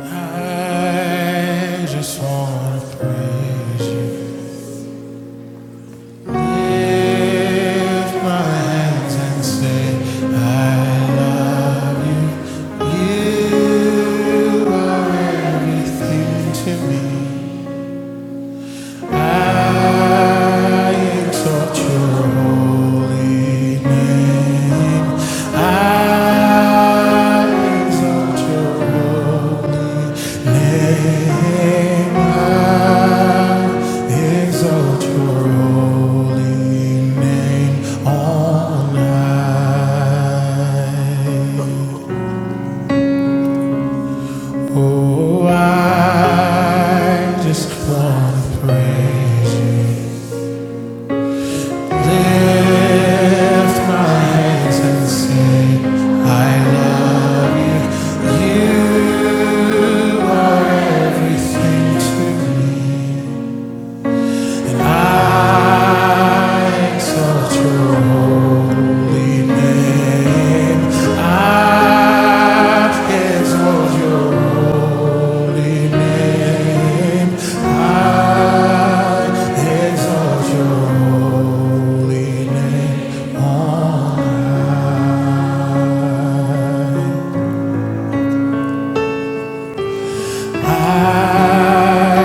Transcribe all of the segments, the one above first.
I just wanna praise you. You are everything to me. I exalt your holy name. I exalt your holy name. I exalt your holy name all night. Oh, I just want to praise you. Lift my hands and say, I love you. You are everything to me. I exalt your holy name. I exalt your name. I,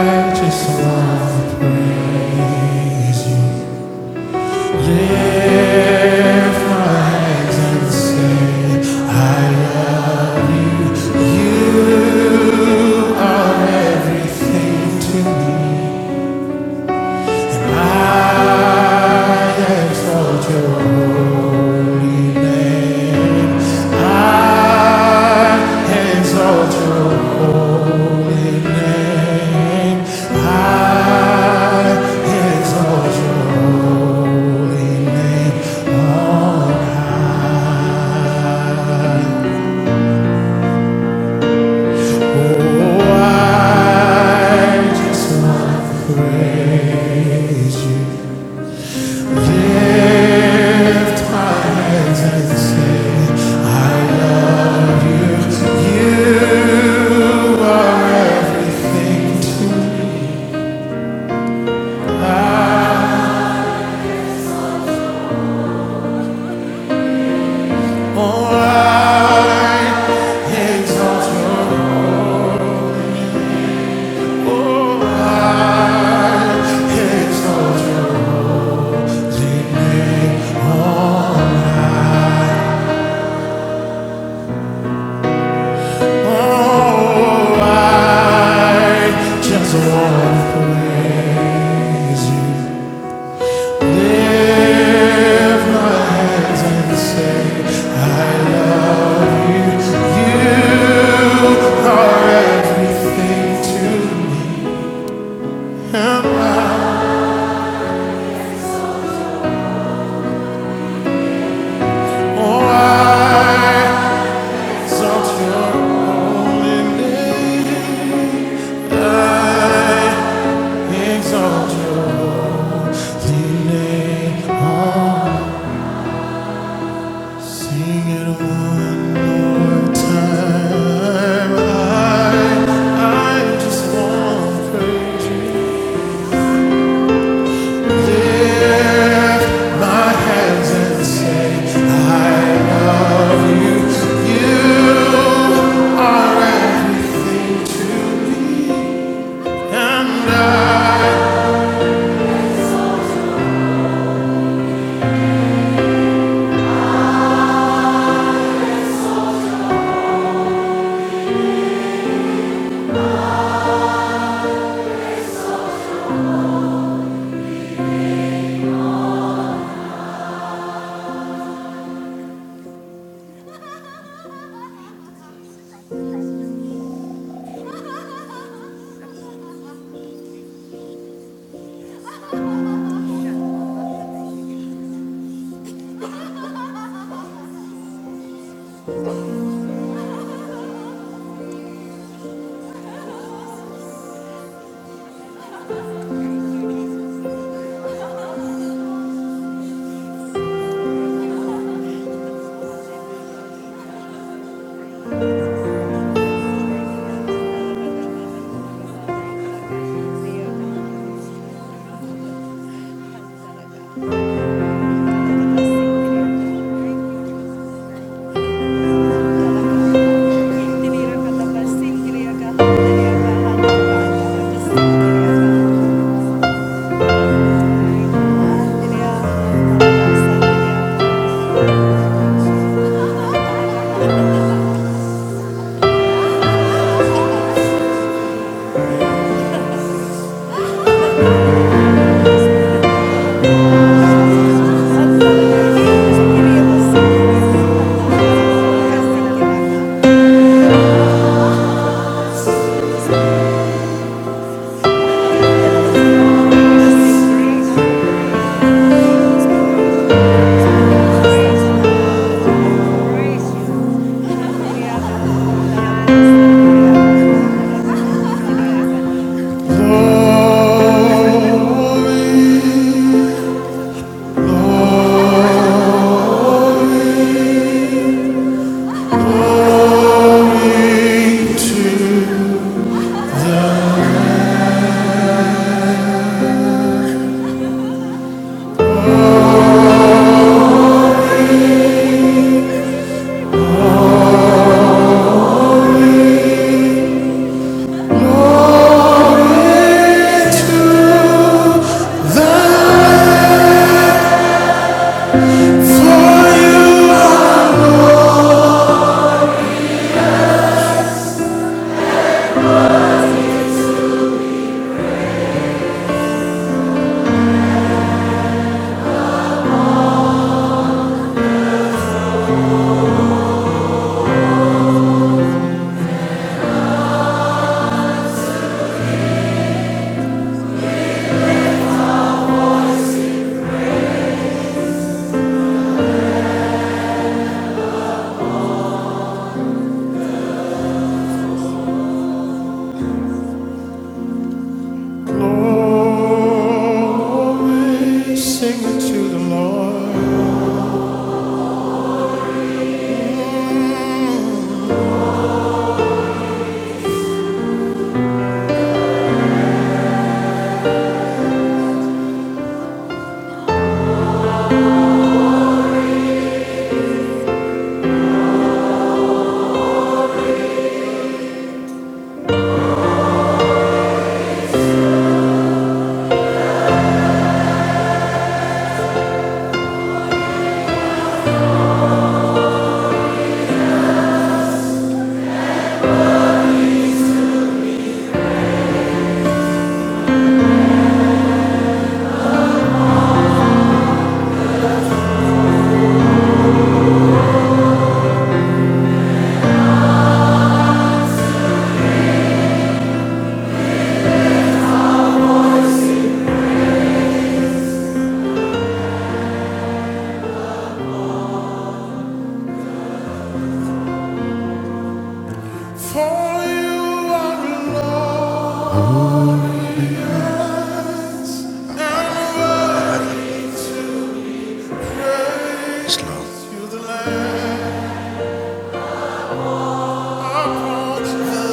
I just love to praise you. Thank you. I just want to praise you. Lift my hands and say, I you are everything. Oh, I exalt your oh, I exalt your name. Oh, Oh, I just wanna praise you. Lift my hands and say everything to me. Oh, I exalt your holy name. I exalt your holy name. I'll sing it one time. I, I just wanna praise you. Thank you. Slow. the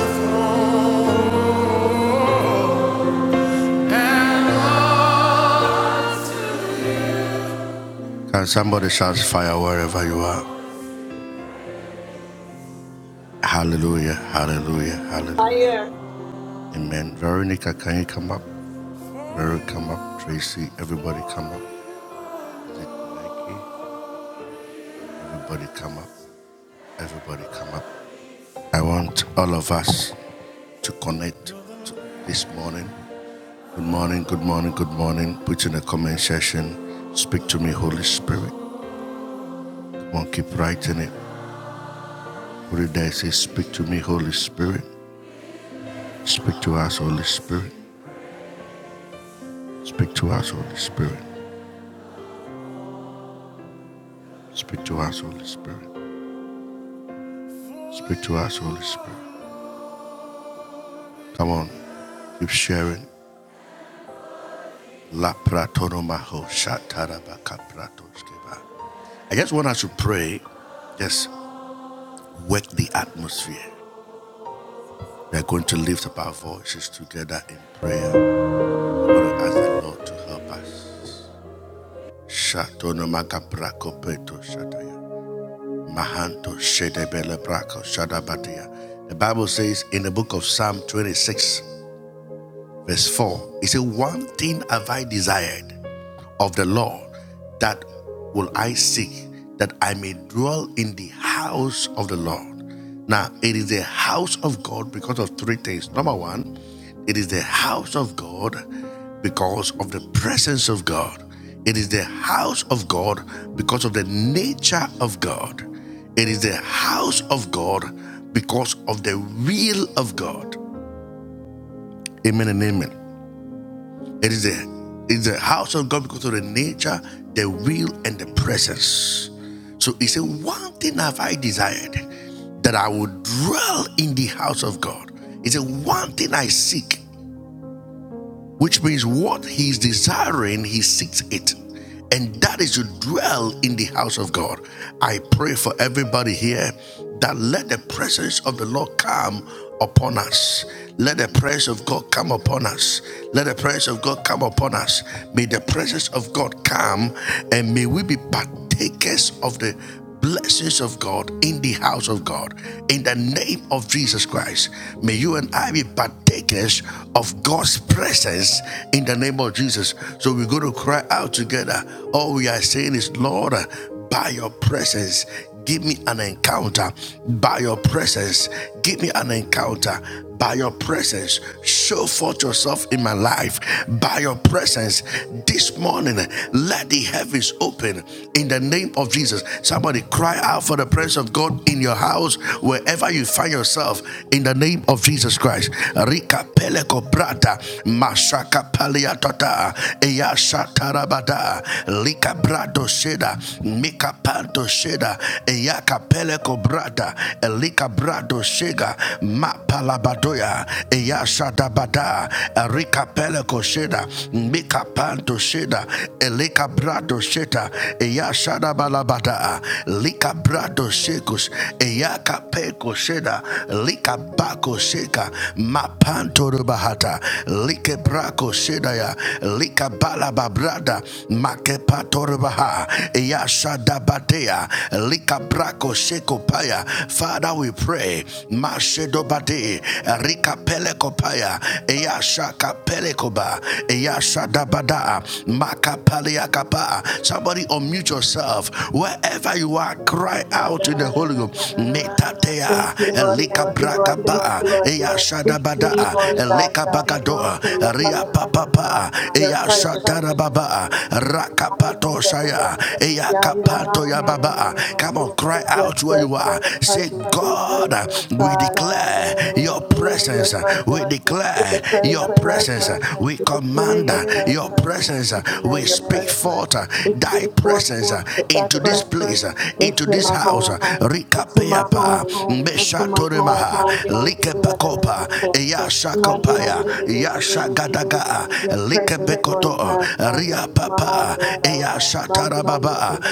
Thank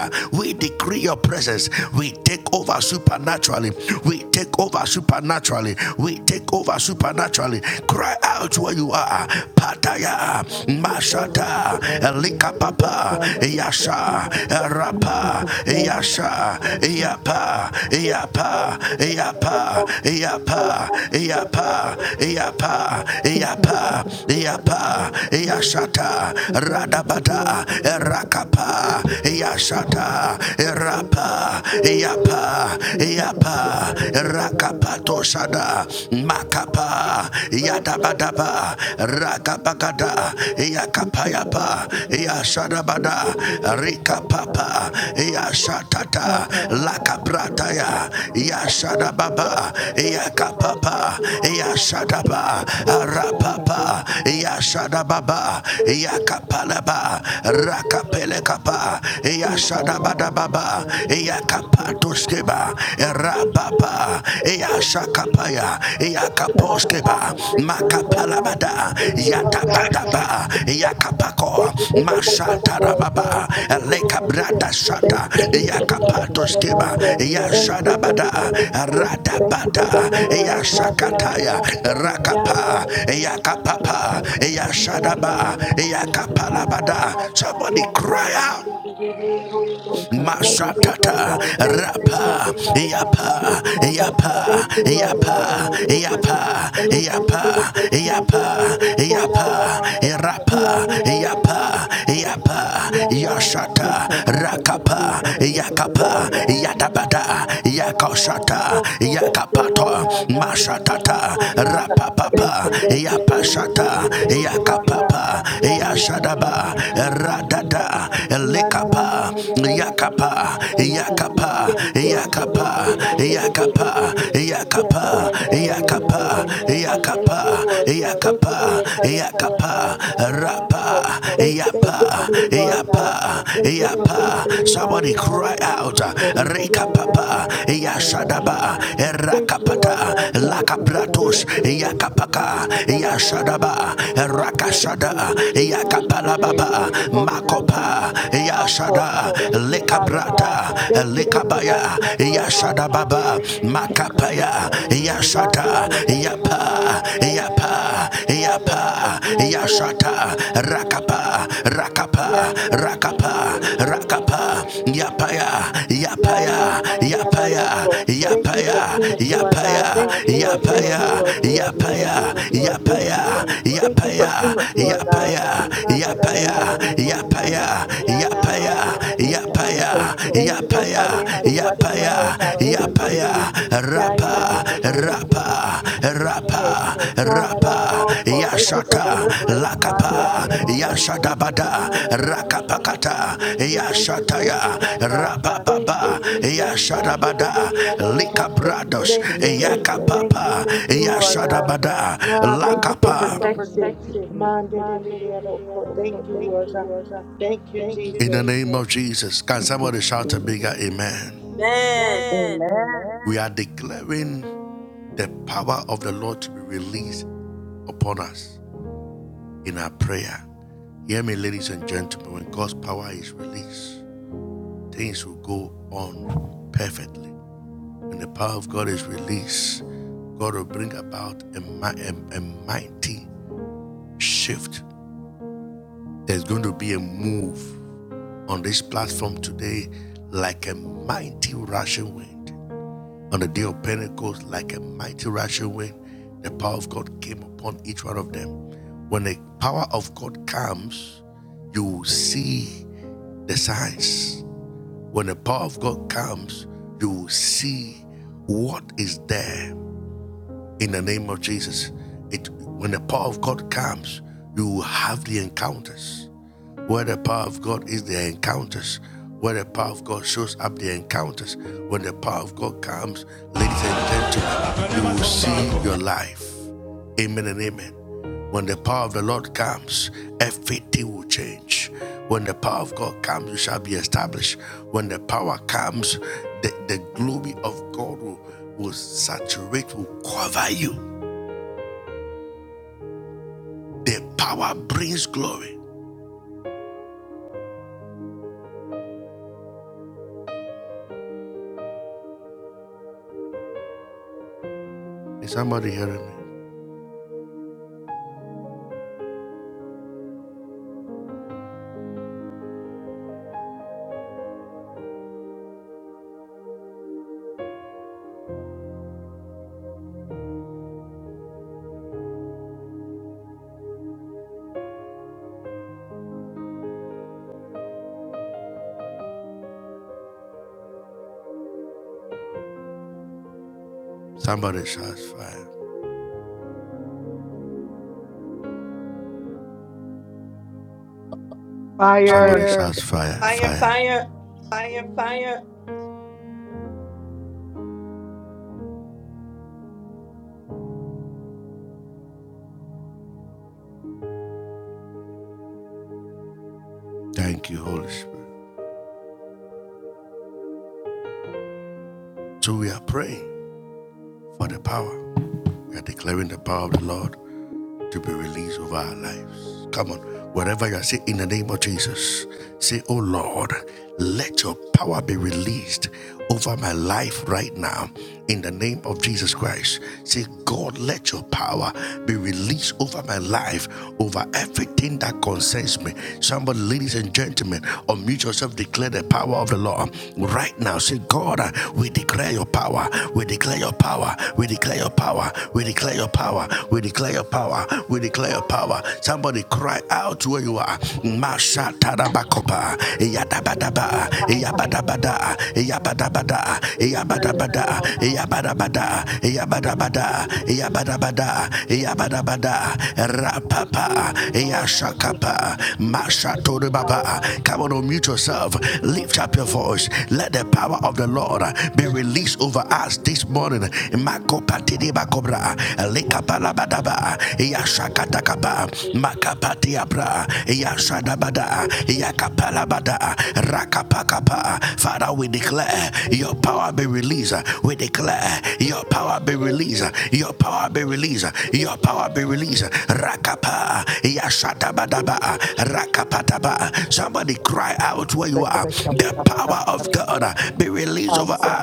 you. Take Thank you. Thank you. Amen. fire. Fire, fire.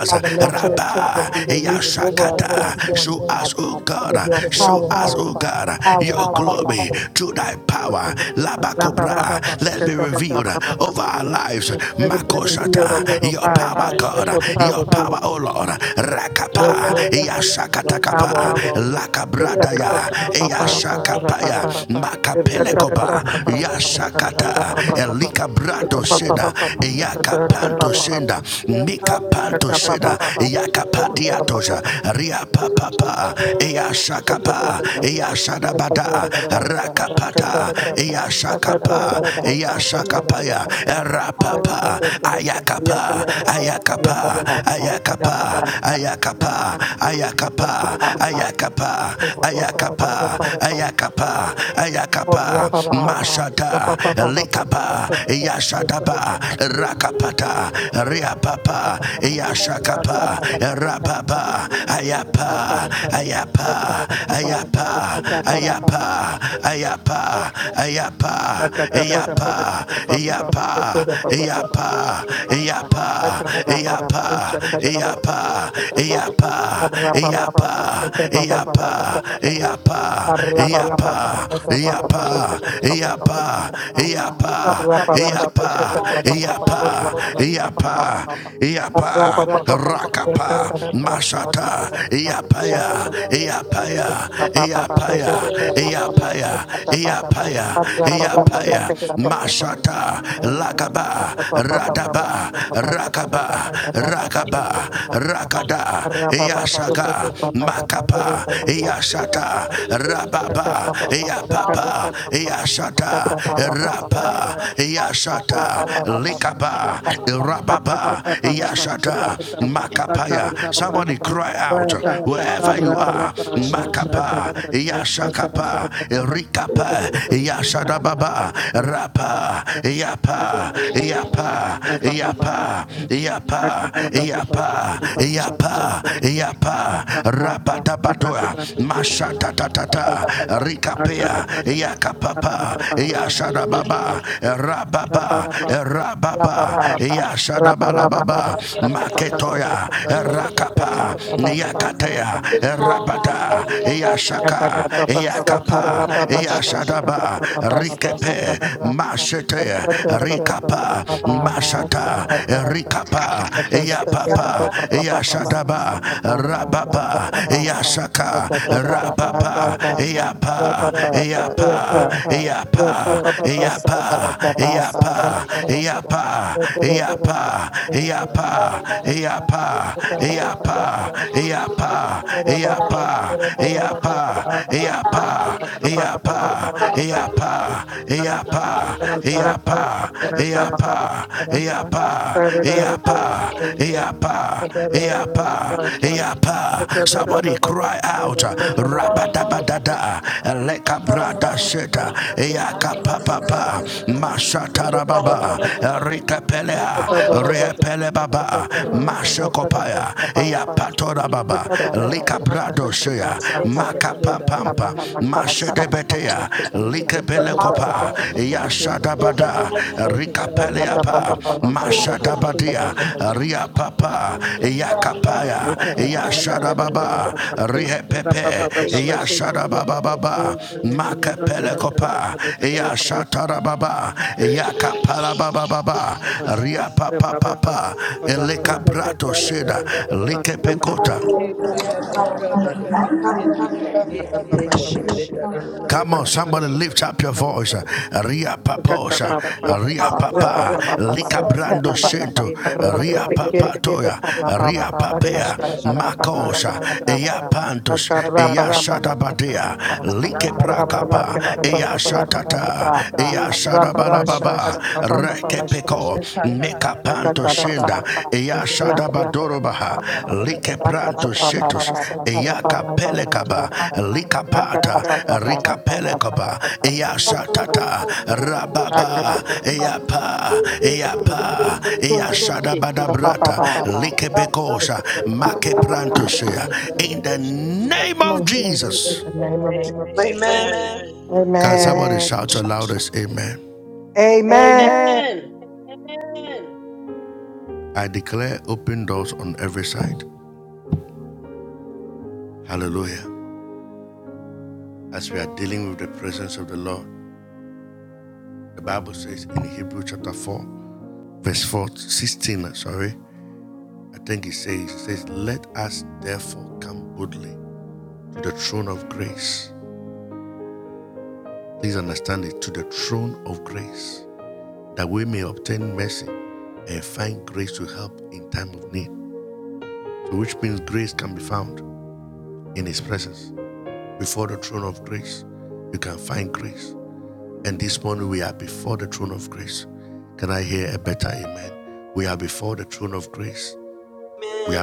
Father, let your power be released over us this morning, Father. Under your power, Father. Power, Father. Let it be revealed on my life. Let your power be your power, your power on us. Let the Papa, the Papa, the Papa, the Papa, the Papa, the Papa, the Papa, Yakapa, Papa, Thank Thank you. Papa, Thank you. Thank Thank you. Rakata you. Amen. Amen. In the name of Jesus. Amen. Amen. Amen.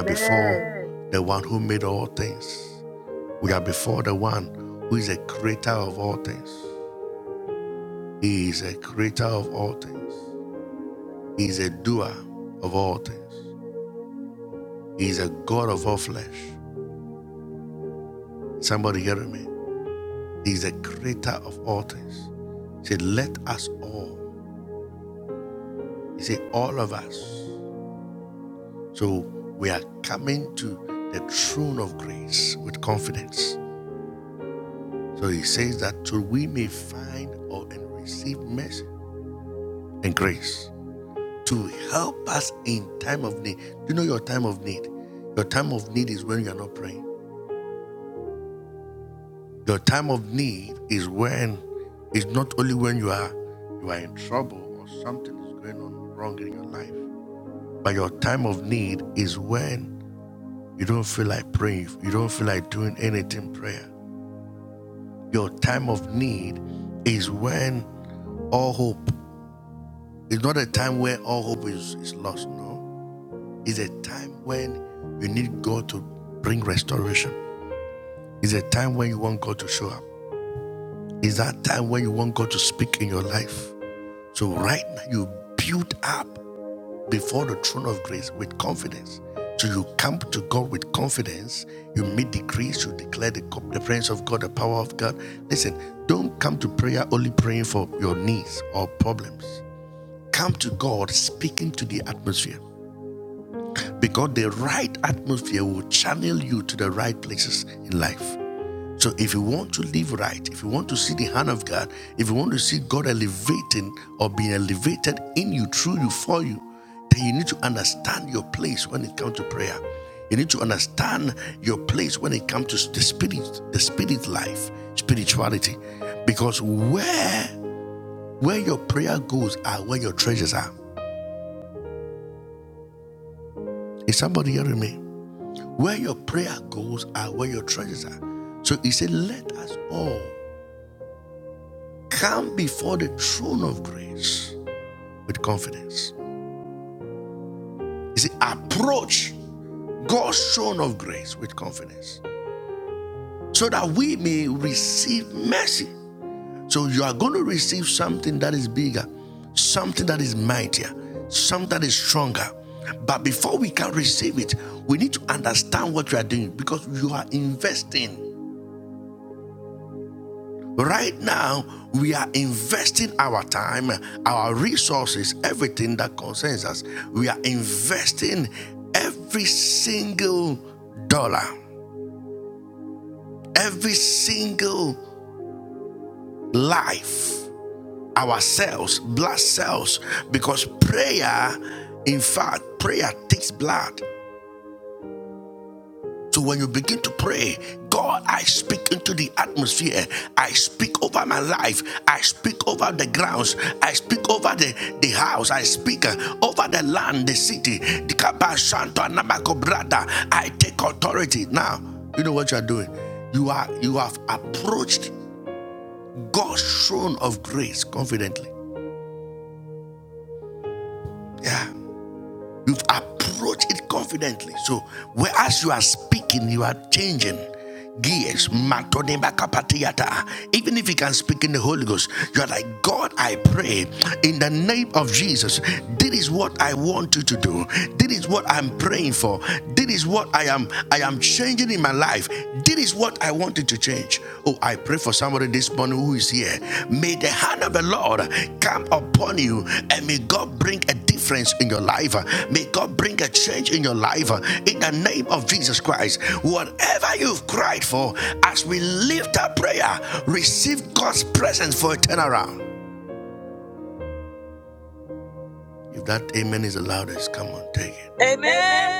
Amen. Amen.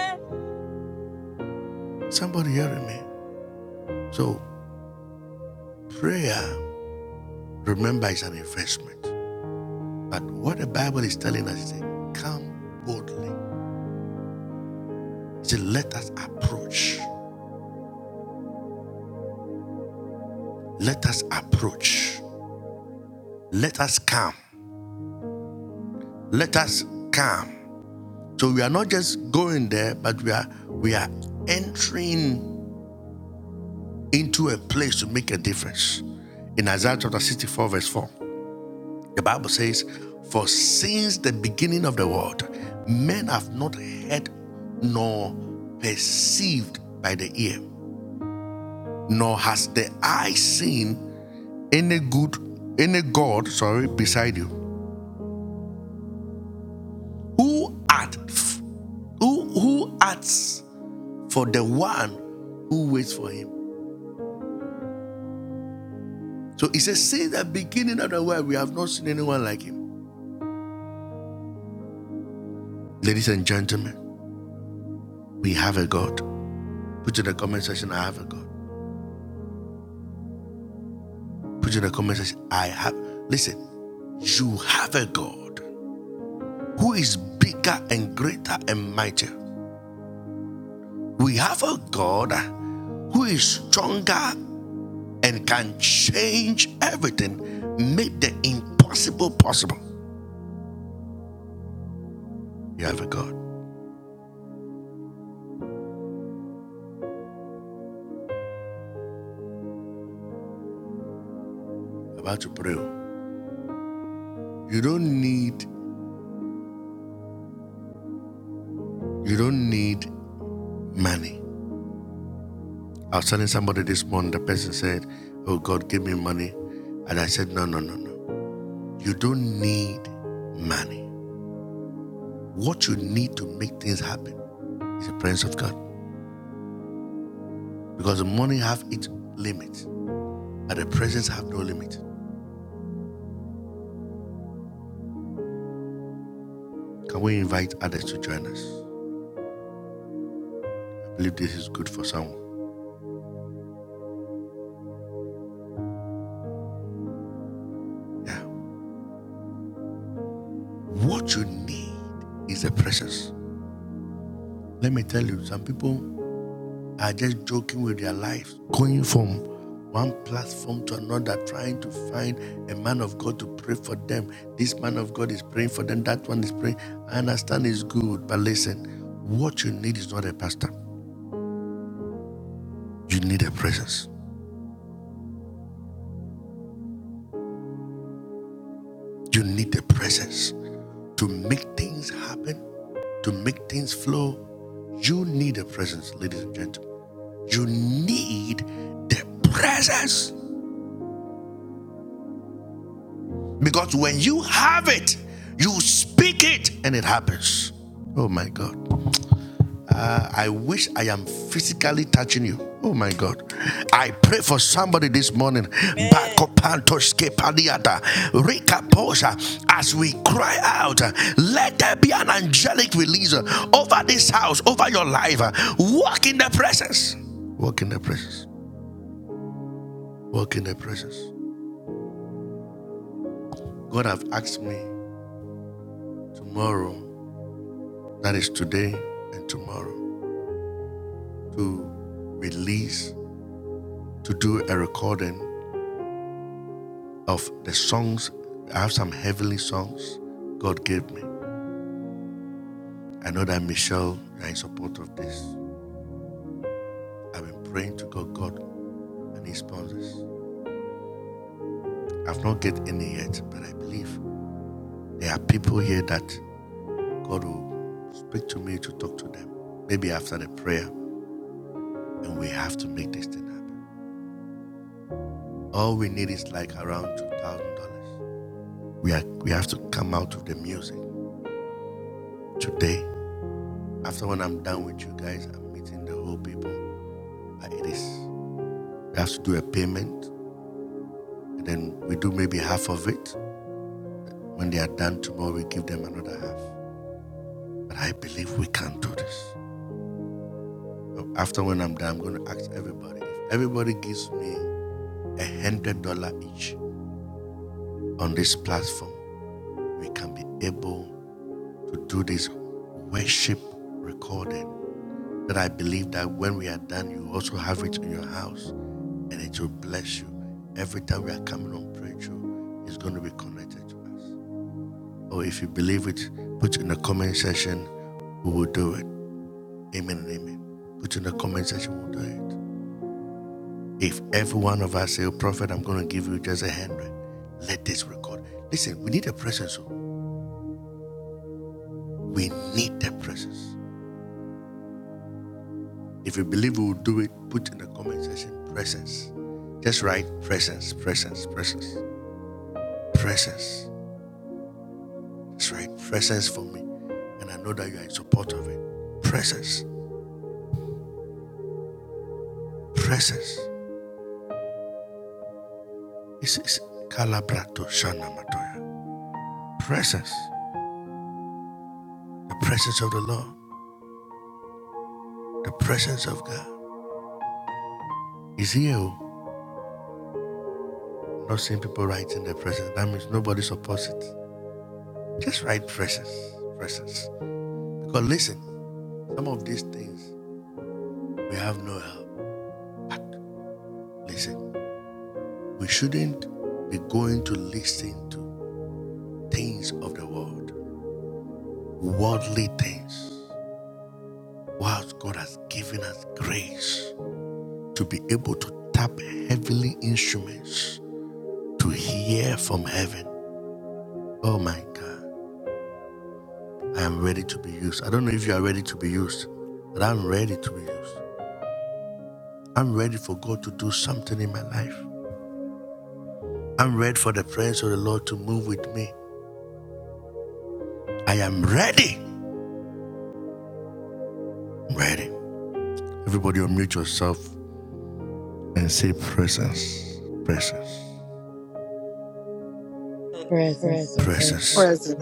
Presence.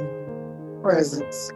Presence.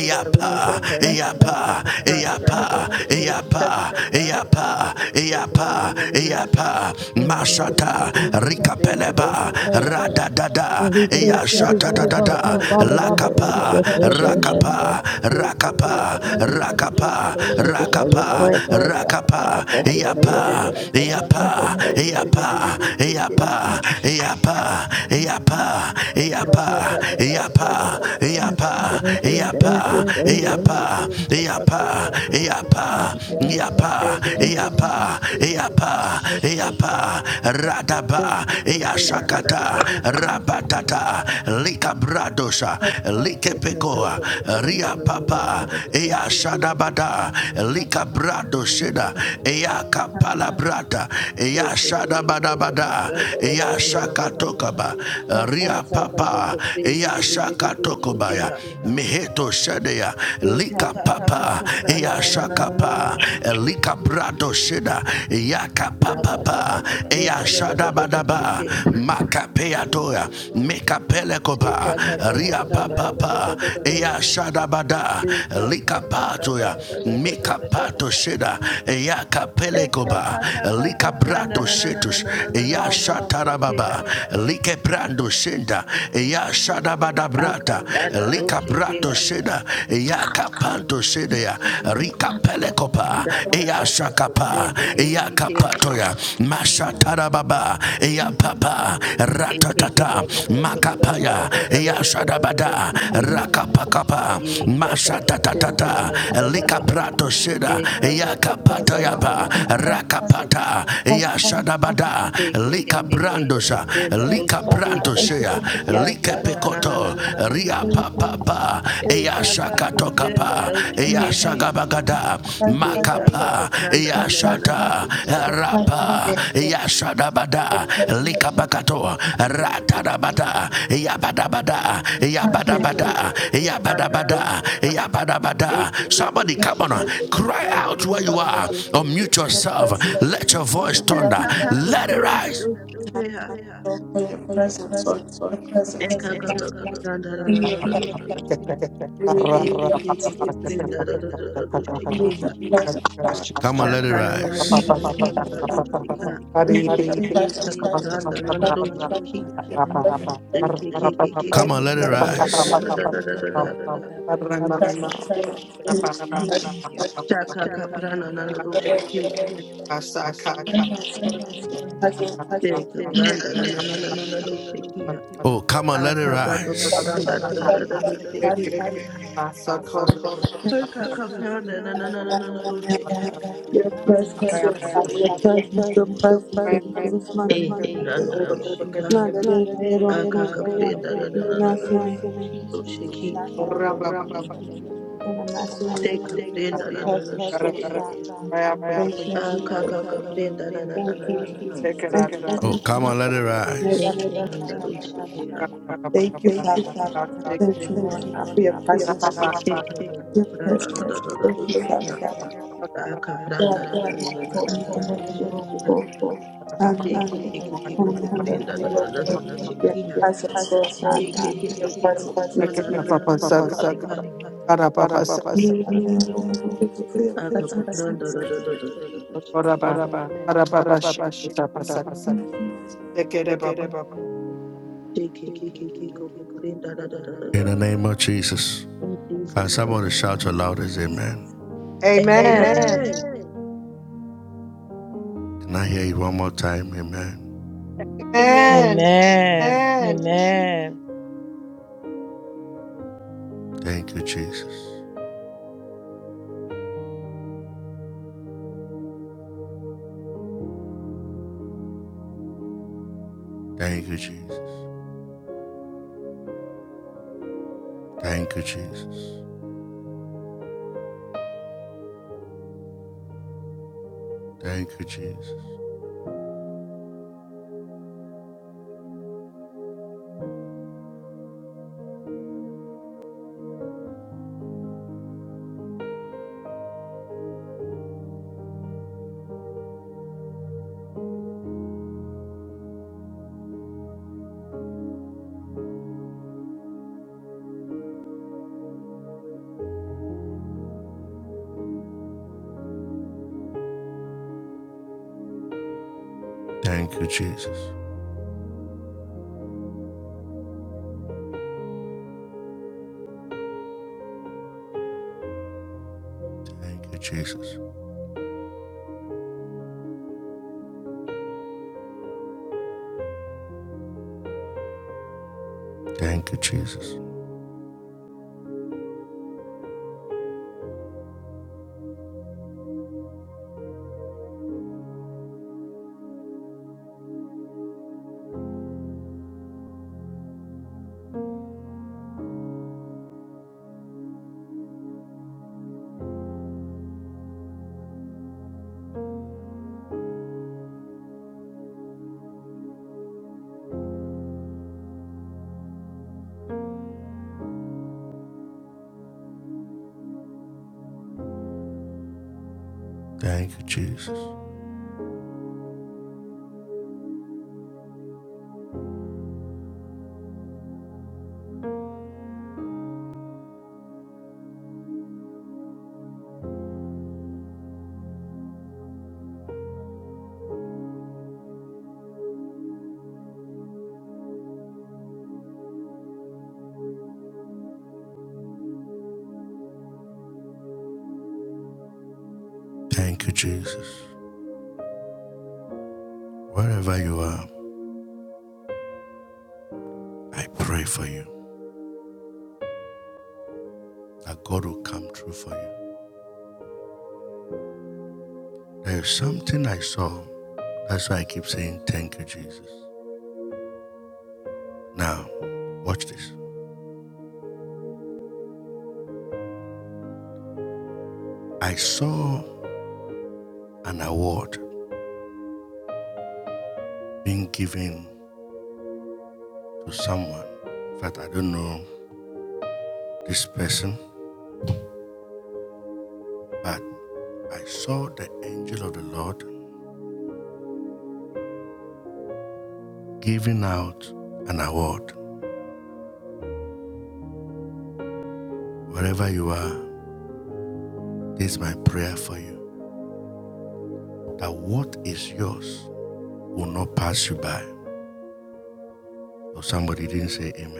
We God, we need your presence. That's how come partner that the ghost of king is presence to God. We can come come da na na na na na. Kiriko, kiriko, kiriko, then the ghost of prayer. king. Release your That car, praise car, car, upon car, me, car, na na na Father na God. na Release na your na fresh na. anointing Kiriko, kiriko, over me. kiriko, then da da da da Thank da you da for da your ghost of presence, king. Father God. Thank you for your Then car, car, car, car, thank you car, then for da da da da da da ghost king. Car, car, car, car, car, na na na na na na na. Kiriko, kiriko, your thank you, thank you, thank you. kiriko, car, car, car. Thank you, Yeah, car, then da da da da ghost king. Shake thank you, thank you, thank you. Amen. Aka Akapranda do chiqueja, da cacaca coprende de chiqueja, e que que cacaca copranda da da da da da da da da do chique, e cacaca coprenda da da da da da da da, e cacaca copranda na na na na na na, e que que que que coprenda do chique, ya caca na na na na na na na na, e cacaca coprenda do chiqueja, e cacaca copranda na na na na na na na e na. do a ekekekekekekekekekekekenda nanana doseke ekakakopenda dosekeha ekakakakopenda nanana doseki ekekekekependa dadadada dosekeha takananananananana doseka ekakapanda nana doseki ekekekekekekopenda dadadadadadadada Prayer chakakaprana nana doseke tekapanda nanananana dosekiha akakakopenda dadadada doseki Paka kapranda na na na na na na doshika. E kapranda doshika. Aka kaprenda na na na na na na doshiki. for Te kaprenda na na doshiki. Aka kaprenda na na na na na na. E kapranda doshiki. E kapranda na na na na doshiki. Aka pranda na na na na na na na doshiki. Ke ke ke ke ke koko prenda na na na na your doshiki. Ke ke ke ke ke koko Amen. pranda na na na na doshiki. Akakopranda da da da da da da da. Shakia. Shake, shake, shake, shake, kokoprenda da da da da da. In Jesus' name. Amen. Amen.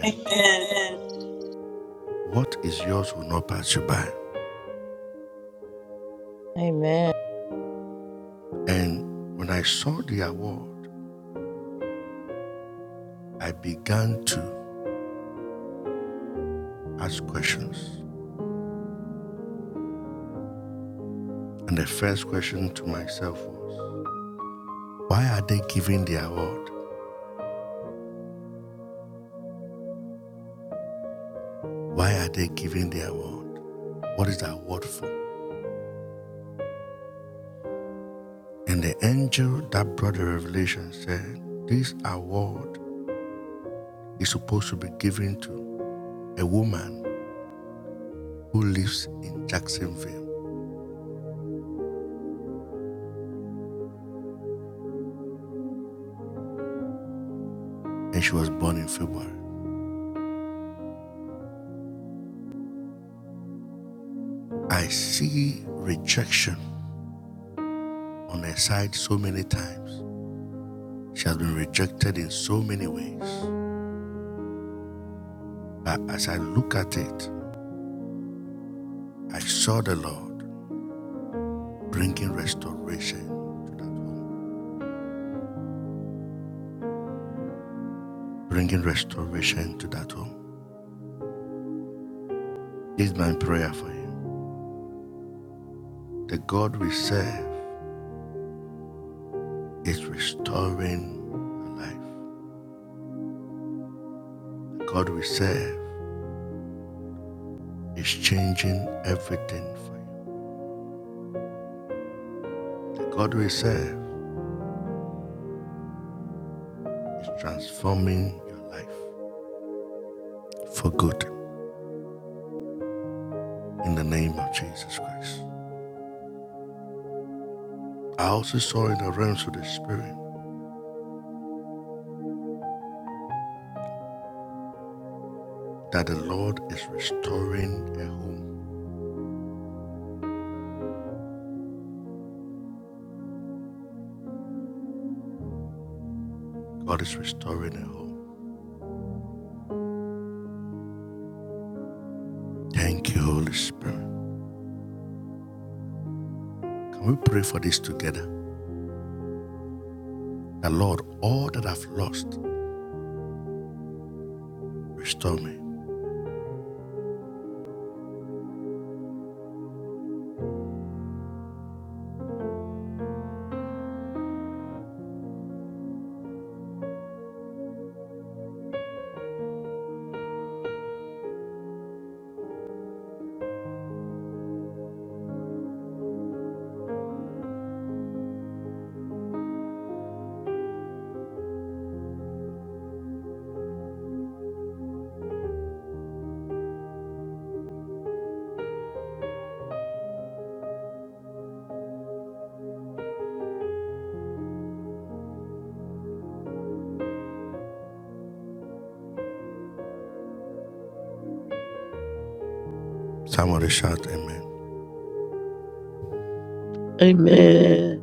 Amen.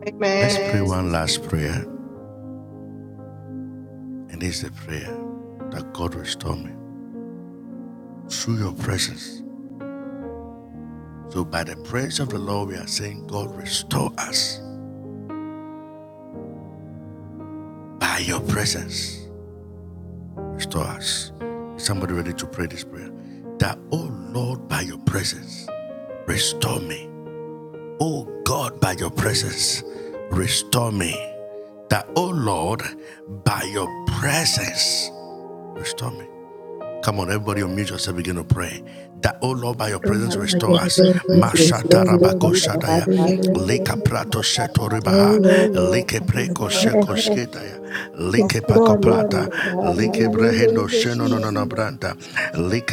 Amen. By your presence, restore me, Father God, in the name of the Lord. Press, restore me, Father God, in the name of the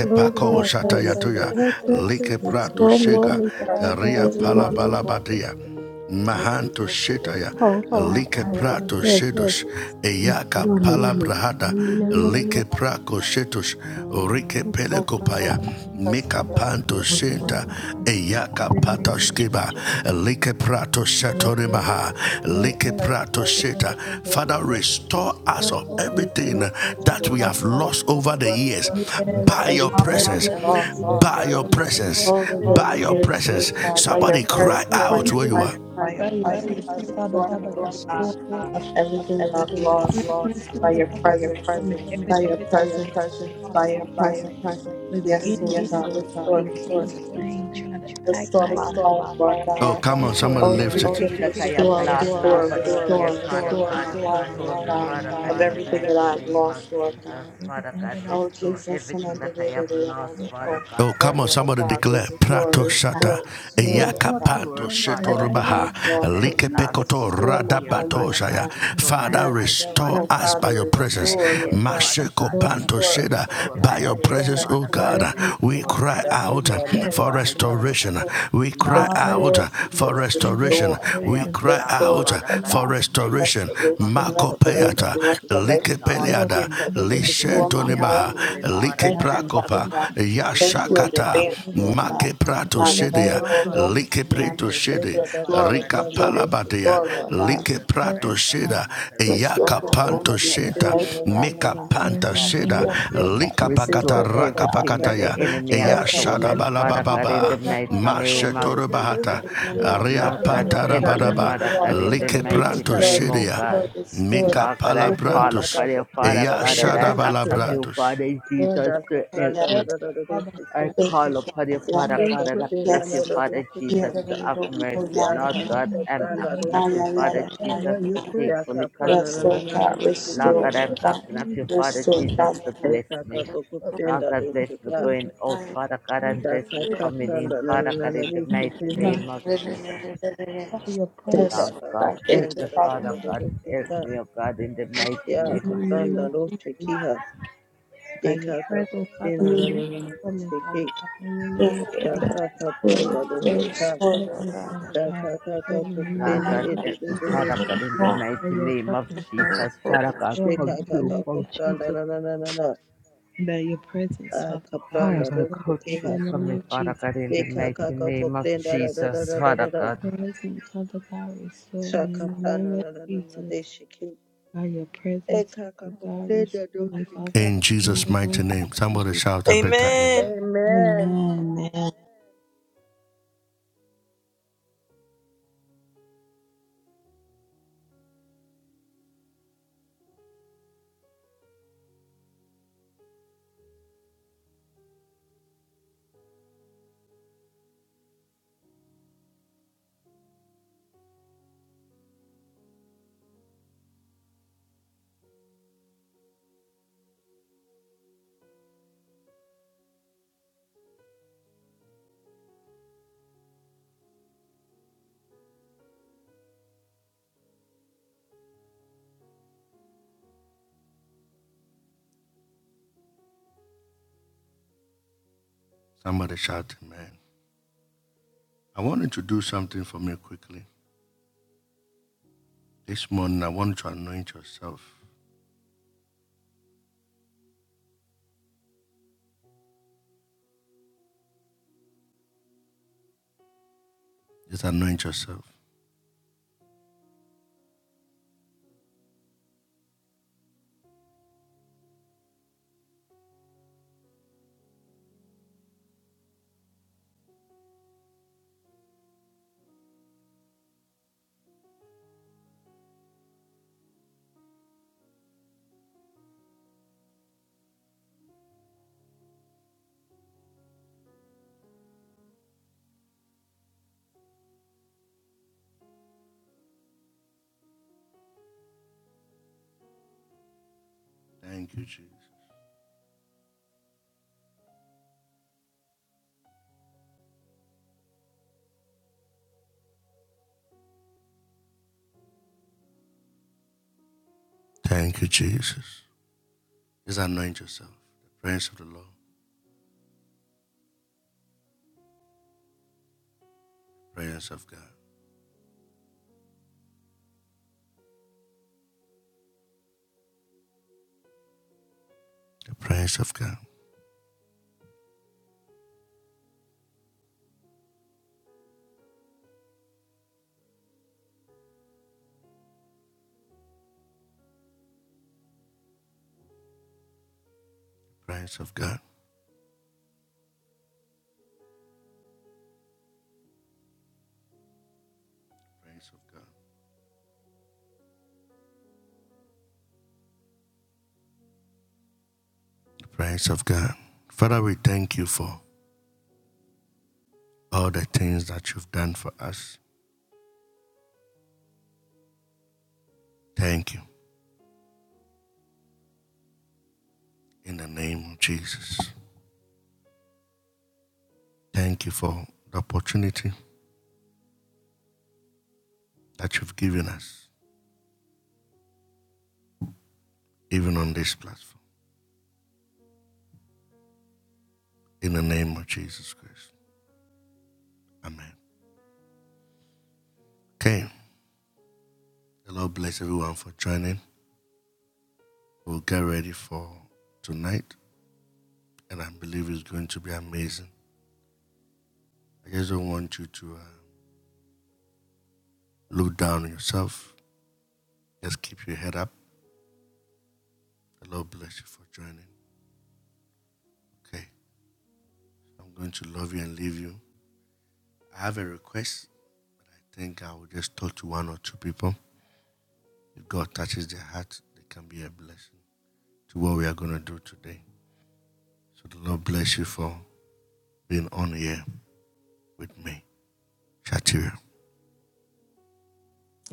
Lord, God, by your presence, restore me, Father God, in the name of Restore everything that I have lost over the year, Father God. Restore me, Father God, in the mighty name of Jesus, Father God. Restore everything that I have lost, Father God, over the year. We we will restore, Father God, everything that I have lost over the year, Father God. Restore my marriage, Father God. Restore my health, Father God. Restore my health, Father God. Restore my finance, Father Jesus. Lord God, restore everything that I have lost, Father God, in the mighty name of Jesus. Lord God, everything that the enemy has stolen, Father God, I'm asking of you to restore it, Father Jesus. Lord God, restore everything, Father God, in the mighty name of Jesus Christ of Nazareth, Father God. Take control right now, Father God. Restore Thank everything that the enemy has you. stolen, Father God, Yakakakopenda da in the mighty name of Jesus. Lord God, help me, Father God, in the mighty name, oh God. Lord God, I call upon you, Father God, and I ask of you, Father Jesus, to help me. da da da I call upon you, Father God, and ask of you, Father Jesus, to have mercy. Lord God, I'm da da asking da of you, Father Jesus, to take ya fully control. Lord God, I'm asking of you, Father Jesus, to bless me. Lord God, bless me going out, Father God, and bless me coming in, Father God, in the mighty name of Jesus. Lord God, help me, Father God, help me, oh God, in the mighty name of Jesus. kapranda do shekiha De de de de de de na na na na na na na na na na na na na na da da da da da Lord God, every Father God, in the mighty name of Jesus, Father God, come you for Father God, come you for me, Father God, in the mighty name of Jesus, da da do Father do God. shika shika. ah shaka Amen. Amen.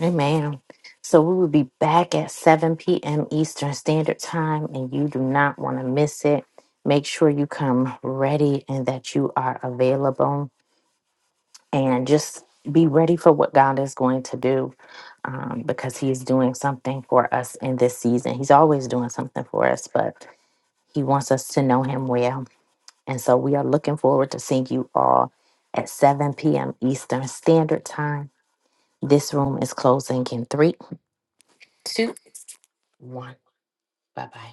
Amen. So we will be back at 7 p.m. Eastern Standard Time, and you do not want to miss it. Make sure you come ready and that you are available, and just be ready for what God is going to do um, because He is doing something for us in this season. He's always doing something for us, but He wants us to know Him well. And so we are looking forward to seeing you all at 7 p.m. Eastern Standard Time. This room is closing in three, two. one. Bye bye.